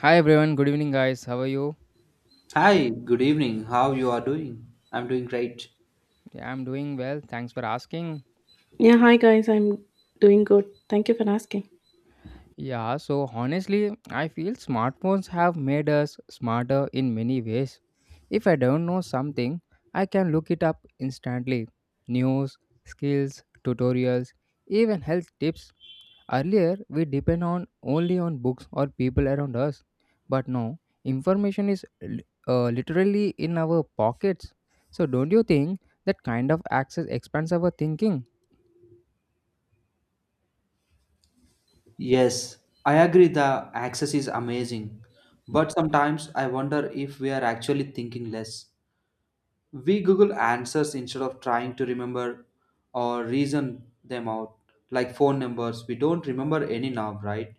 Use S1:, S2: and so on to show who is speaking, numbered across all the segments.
S1: Hi everyone, good evening guys. How are you?
S2: Hi, good evening. How you are doing? I'm doing great.
S1: Yeah, I'm doing well. Thanks for asking.
S3: Yeah, hi guys, I'm doing good. Thank you for asking.
S1: Yeah, so honestly, I feel smartphones have made us smarter in many ways. If I don't know something, I can look it up instantly. News, skills, tutorials, even health tips. Earlier, we depend on only on books or people around us, but now information is literally in our pockets. So, don't you think that kind of access expands our thinking?
S2: Yes, I agree the access is amazing. But sometimes I wonder if we are actually thinking less. We Google answers instead of trying to remember or reason them out. Like phone numbers, we don't remember any now, right?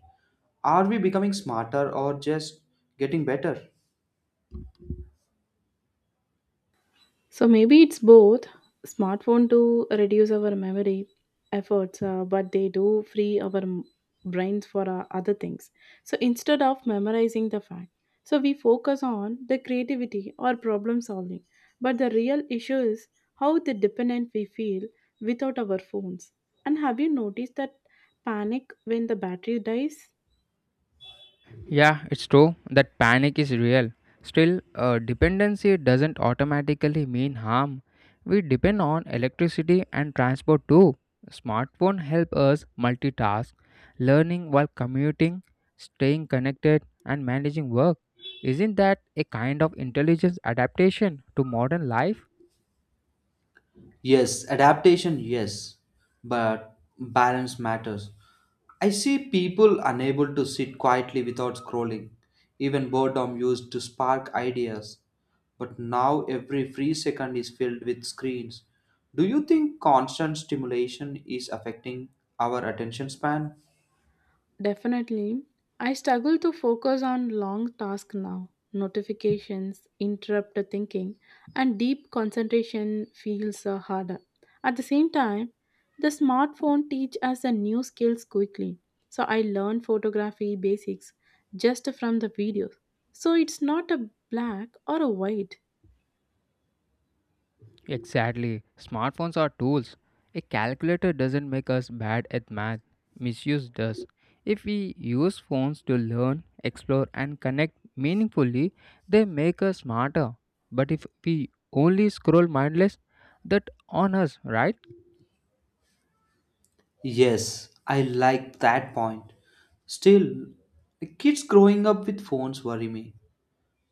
S2: Are we becoming smarter or just getting better?
S3: So maybe it's both. Smartphone do reduce our memory efforts, but they do free our brains for other things. So instead of memorizing the fact, so we focus on the creativity or problem solving. But the real issue is how the dependent we feel without our phones. And have you noticed that panic when the battery dies?
S1: Yeah, it's true that panic is real. Still, dependency doesn't automatically mean harm. We depend on electricity and transport too. Smartphone help us multitask, learning while commuting, staying connected and managing work. Isn't that a kind of intelligence adaptation to modern life?
S2: Yes, adaptation, yes, but balance matters. I see people unable to sit quietly without scrolling. Even boredom used to spark ideas. But now every free second is filled with screens. Do you think constant stimulation is affecting our attention span?
S3: Definitely. I struggle to focus on long tasks now. Notifications interrupt the thinking, and deep concentration feels harder. At the same time, the smartphone teach us a new skills quickly. So I learn photography basics just from the videos. So it's not a black or a white.
S1: Exactly. Smartphones are tools. A calculator doesn't make us bad at math, misuse does. If we use phones to learn, explore, and connect meaningfully, they make us smarter. But if we only scroll mindless, that on us, right?
S2: Yes, I like that point. Still, the kids growing up with phones worry me.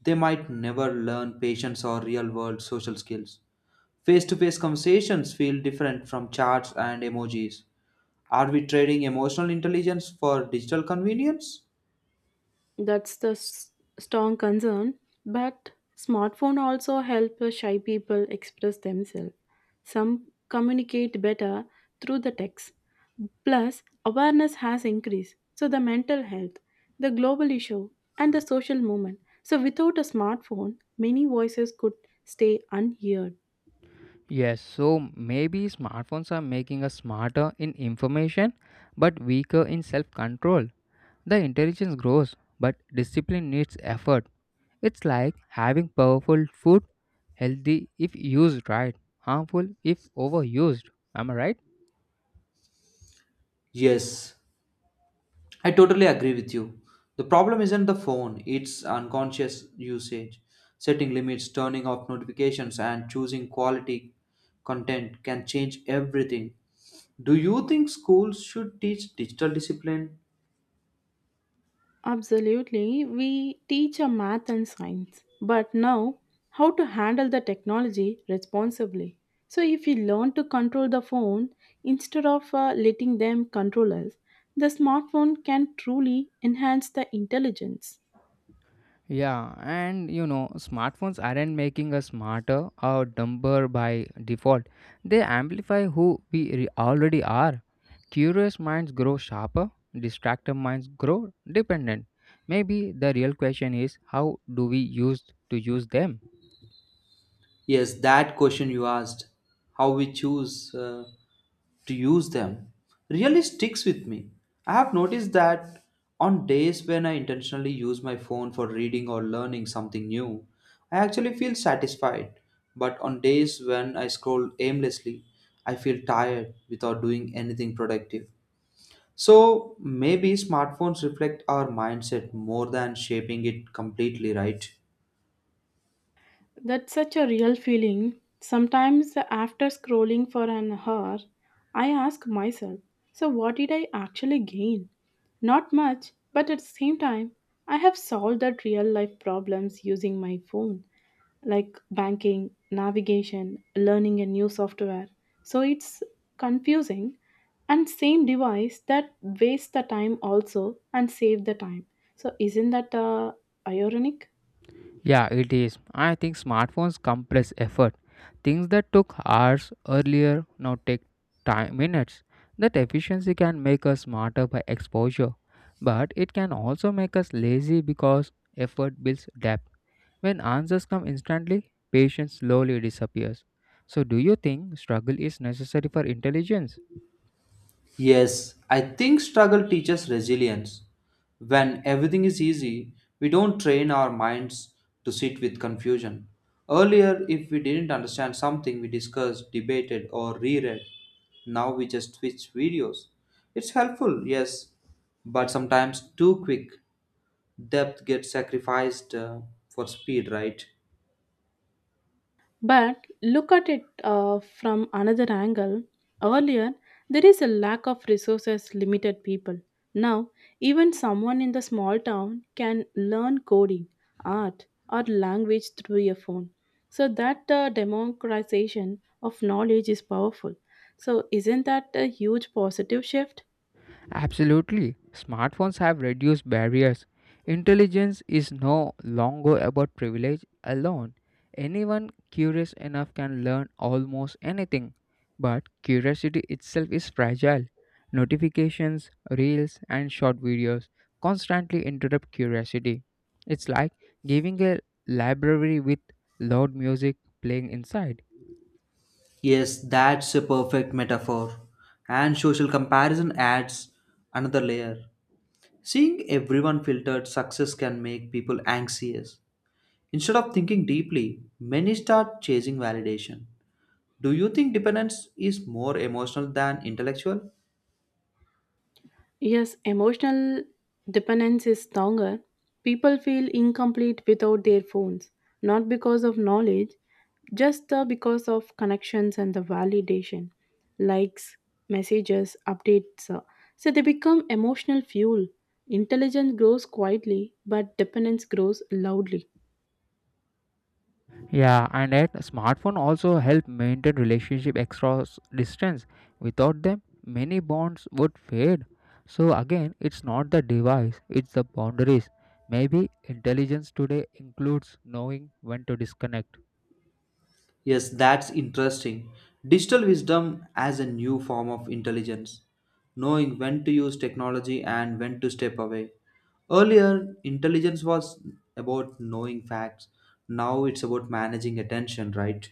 S2: They might never learn patience or real world social skills. Face to face conversations feel different from charts and emojis. Are we trading emotional intelligence for digital convenience?
S3: That's the s- Strong concern. But smartphone also help shy people express themselves. Some communicate better through the text. Plus, awareness has increased. So the mental health, the global issue, and the social movement. So without a smartphone, many voices could stay unheard.
S1: Yes, so maybe smartphones are making us smarter in information but weaker in self control. The intelligence grows, but discipline needs effort. It's like having powerful food, healthy if used right, harmful if overused. Am I right?
S2: Yes, I totally agree with you. The problem isn't the phone, it's unconscious usage. Setting limits, turning off notifications, and choosing quality content can change everything. Do you think schools should teach digital discipline?
S3: Absolutely. We teach a math and science, but now how to handle the technology responsibly. So, if we learn to control the phone instead of letting them control us, the smartphone can truly enhance the intelligence.
S1: Yeah, and you know, smartphones aren't making us smarter or dumber by default. They amplify who we already are. Curious minds grow sharper, distracted minds grow dependent. Maybe the real question is how do we use to use them?
S2: Yes, that question you asked. How we choose. To use them really sticks with me. I have noticed that on days when I intentionally use my phone for reading or learning something new, I actually feel satisfied. But on days when I scroll aimlessly, I feel tired without doing anything productive. So maybe smartphones reflect our mindset more than shaping it completely, right?
S3: That's such a real feeling. Sometimes, after scrolling for an hour, I ask myself, so what did I actually gain? Not much, but at the same time, I have solved that real life problems using my phone, like banking, navigation, learning a new software. So it's confusing and same device that wastes the time also and save the time. So isn't that ironic?
S1: Yeah, it is. I think smartphones compress effort. Things that took hours earlier now take time minutes. That efficiency can make us smarter by exposure, but it can also make us lazy because effort builds depth. When answers come instantly, patience slowly disappears. So do you think struggle is necessary for intelligence?
S2: Yes, I think struggle teaches resilience. When everything is easy, we don't train our minds to sit with confusion. Earlier, if we didn't understand something, we discussed, debated, or reread. Now we just switch videos. It's helpful, yes, but sometimes too quick. Depth gets sacrificed for speed, right?
S3: But look at it from another angle. Earlier, there is a lack of resources, limited people. Now, even someone in the small town can learn coding, art, or language through a phone. So, that democratization of knowledge is powerful. So, isn't that a huge positive shift?
S1: Absolutely. Smartphones have reduced barriers. Intelligence is no longer about privilege alone. Anyone curious enough can learn almost anything. But curiosity itself is fragile. Notifications, reels, and short videos constantly interrupt curiosity. It's like giving a library with loud music playing inside.
S2: Yes, that's a perfect metaphor. And social comparison adds another layer. Seeing everyone filtered success can make people anxious. Instead of thinking deeply, many start chasing validation. Do you think dependence is more emotional than intellectual?
S3: Yes, emotional dependence is stronger. People feel incomplete without their phones, not because of knowledge, just because of connections and the validation, likes, messages, updates. So they become emotional fuel. Intelligence grows quietly, but dependence grows loudly.
S1: Yeah, and that smartphone also help maintain relationship across distance. Without them, many bonds would fade. So again, it's not the device, it's the boundaries. Maybe intelligence today includes knowing when to disconnect.
S2: Yes, that's interesting. Digital wisdom as a new form of intelligence, knowing when to use technology and when to step away. Earlier, intelligence was about knowing facts. Now it's about managing attention, right?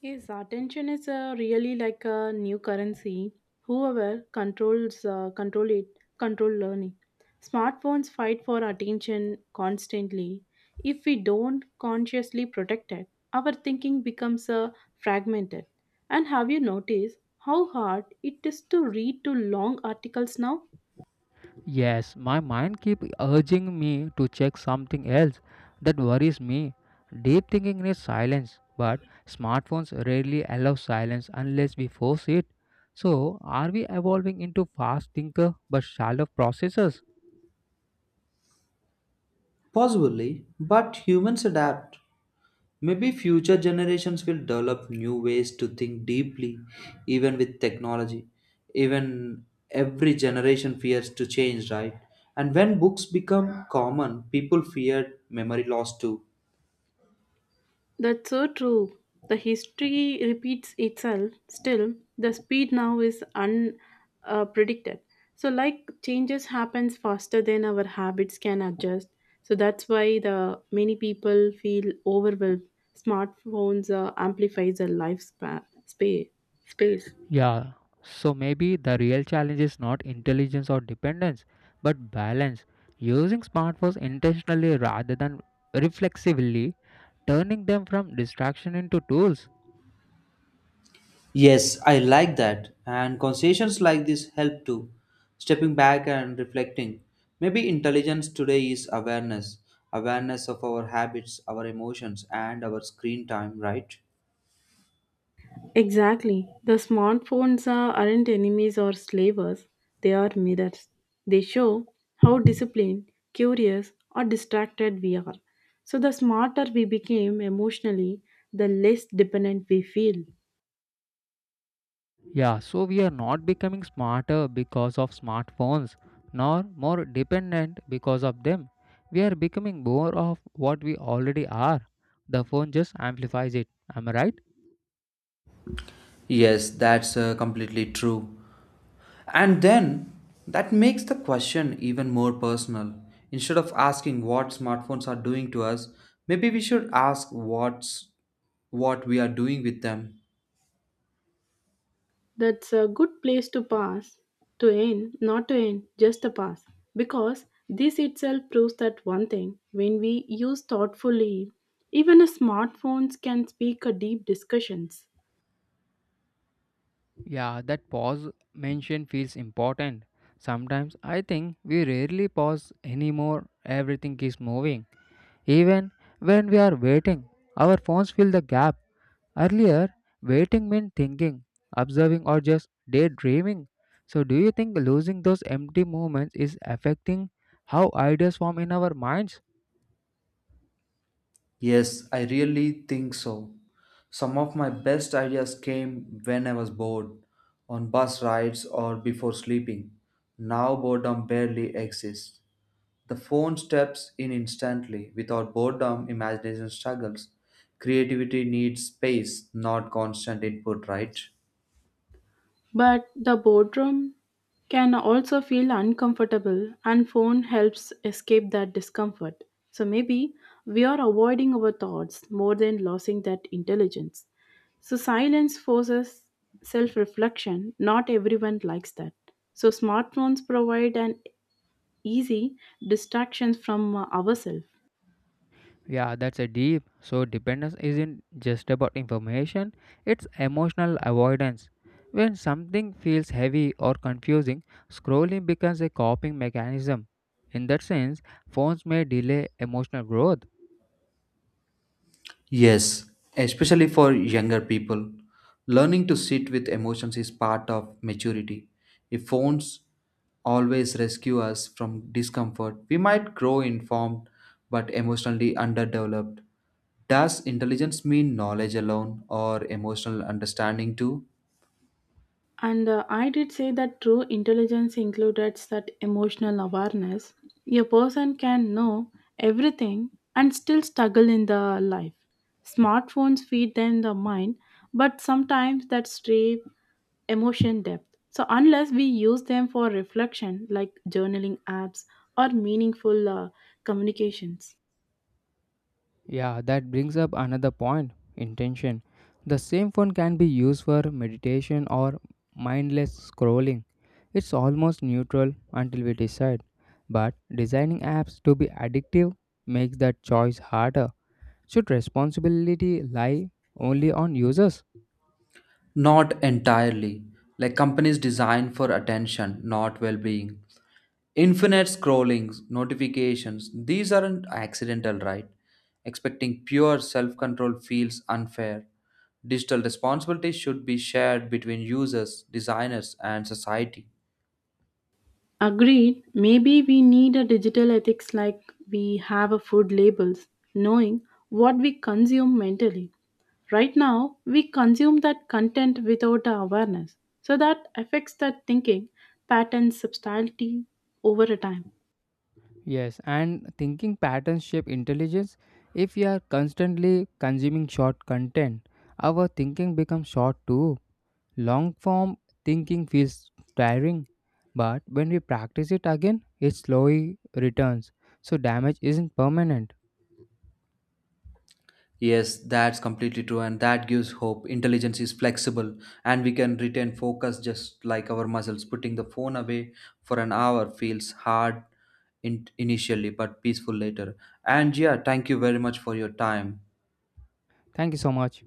S3: Yes, attention is really like a new currency. Whoever control it control learning. Smartphones fight for attention constantly. If we don't consciously protect it, our thinking becomes fragmented. And have you noticed how hard it is to read to long articles now?
S1: Yes, my mind keeps urging me to check something else that worries me. Deep thinking needs silence, but smartphones rarely allow silence unless we force it. So, are we evolving into fast thinker but shallow processors?
S2: Possibly, but humans adapt. Maybe future generations will develop new ways to think deeply, even with technology. Even every generation fears to change, right? And when books become common, people feared memory loss too.
S3: That's so true. The history repeats itself. Still, the speed now is unpredicted. Uh, so, like changes happens faster than our habits can adjust. So that's why the many people feel overwhelmed. Smartphones amplifies the life space.
S1: Yeah. So maybe the real challenge is not intelligence or dependence, but balance. Using smartphones intentionally rather than reflexively, turning them from distraction into tools.
S2: Yes, I like that. And conversations like this help too. Stepping back and reflecting. Maybe intelligence today is awareness awareness of our habits, our emotions, and our screen time, right?
S3: Exactly. The smartphones are, aren't enemies or slavers, they are mirrors. They show how disciplined, curious, or distracted we are. So, the smarter we became emotionally, the less dependent we feel.
S1: Yeah, so we are not becoming smarter because of smartphones, nor more dependent because of them. We are becoming more of what we already are. The phone just amplifies it. Am I right?
S2: Yes, that's completely true. And then that makes the question even more personal. Instead of asking what smartphones are doing to us, maybe we should ask what we are doing with them.
S3: That's a good place to pass, to end, not to end, just a pass. Because this itself proves that one thing when we use thoughtfully, even a smartphones can speak a deep discussions.
S1: Yeah, that pause mention feels important. Sometimes I think we rarely pause anymore. Everything is moving. Even when we are waiting, our phones fill the gap. Earlier, waiting meant thinking, observing, or just daydreaming. So, do you think losing those empty moments is affecting how ideas form in our minds?
S2: Yes, I really think so. Some of my best ideas came when I was bored, on bus rides or before sleeping. Now boredom barely exists. The phone steps in instantly. Without boredom, imagination struggles. Creativity needs space, not constant input, right?
S3: But the boredom can also feel uncomfortable and phone helps escape that discomfort. So maybe we are avoiding our thoughts more than losing that intelligence. So silence forces self-reflection. Not everyone likes that. So smartphones provide an easy distraction from ourselves.
S1: Yeah, that's a deep. So, dependence isn't just about information, it's emotional avoidance. When something feels heavy or confusing, scrolling becomes a coping mechanism. In that sense, phones may delay emotional growth.
S2: Yes, especially for younger people. Learning to sit with emotions is part of maturity. If phones always rescue us from discomfort, we might grow informed but emotionally underdeveloped. Does intelligence mean knowledge alone or emotional understanding too?
S3: And I did say that true intelligence included that emotional awareness. A person can know everything and still struggle in the life. Smartphones feed them the mind, but sometimes that stray emotion depth. So unless we use them for reflection, like journaling apps or meaningful communications.
S1: Yeah, that brings up another point intention. The same phone can be used for meditation or mindless scrolling. It's almost neutral until we decide. But designing apps to be addictive makes that choice harder. Should responsibility lie only on users?
S2: Not entirely. Like companies designed for attention, not well being. Infinite scrollings, notifications, these aren't accidental, right? Expecting pure self control feels unfair. Digital responsibility should be shared between users, designers, and society.
S3: Agreed, maybe we need a digital ethics like we have a food labels, knowing what we consume mentally. Right now, we consume that content without our awareness. So that affects that thinking, patterns, subtlety over a time.
S1: Yes, and thinking patterns shape intelligence. If we are constantly consuming short content, our thinking becomes short too. Long form thinking feels tiring, but when we practice it again, it slowly returns. So damage isn't permanent.
S2: Yes, that's completely true, and that gives hope. Intelligence is flexible, and we can retain focus just like our muscles. Putting the phone away for an hour feels hard initially, but peaceful later. And yeah, thank you very much for your time.
S1: Thank you so much.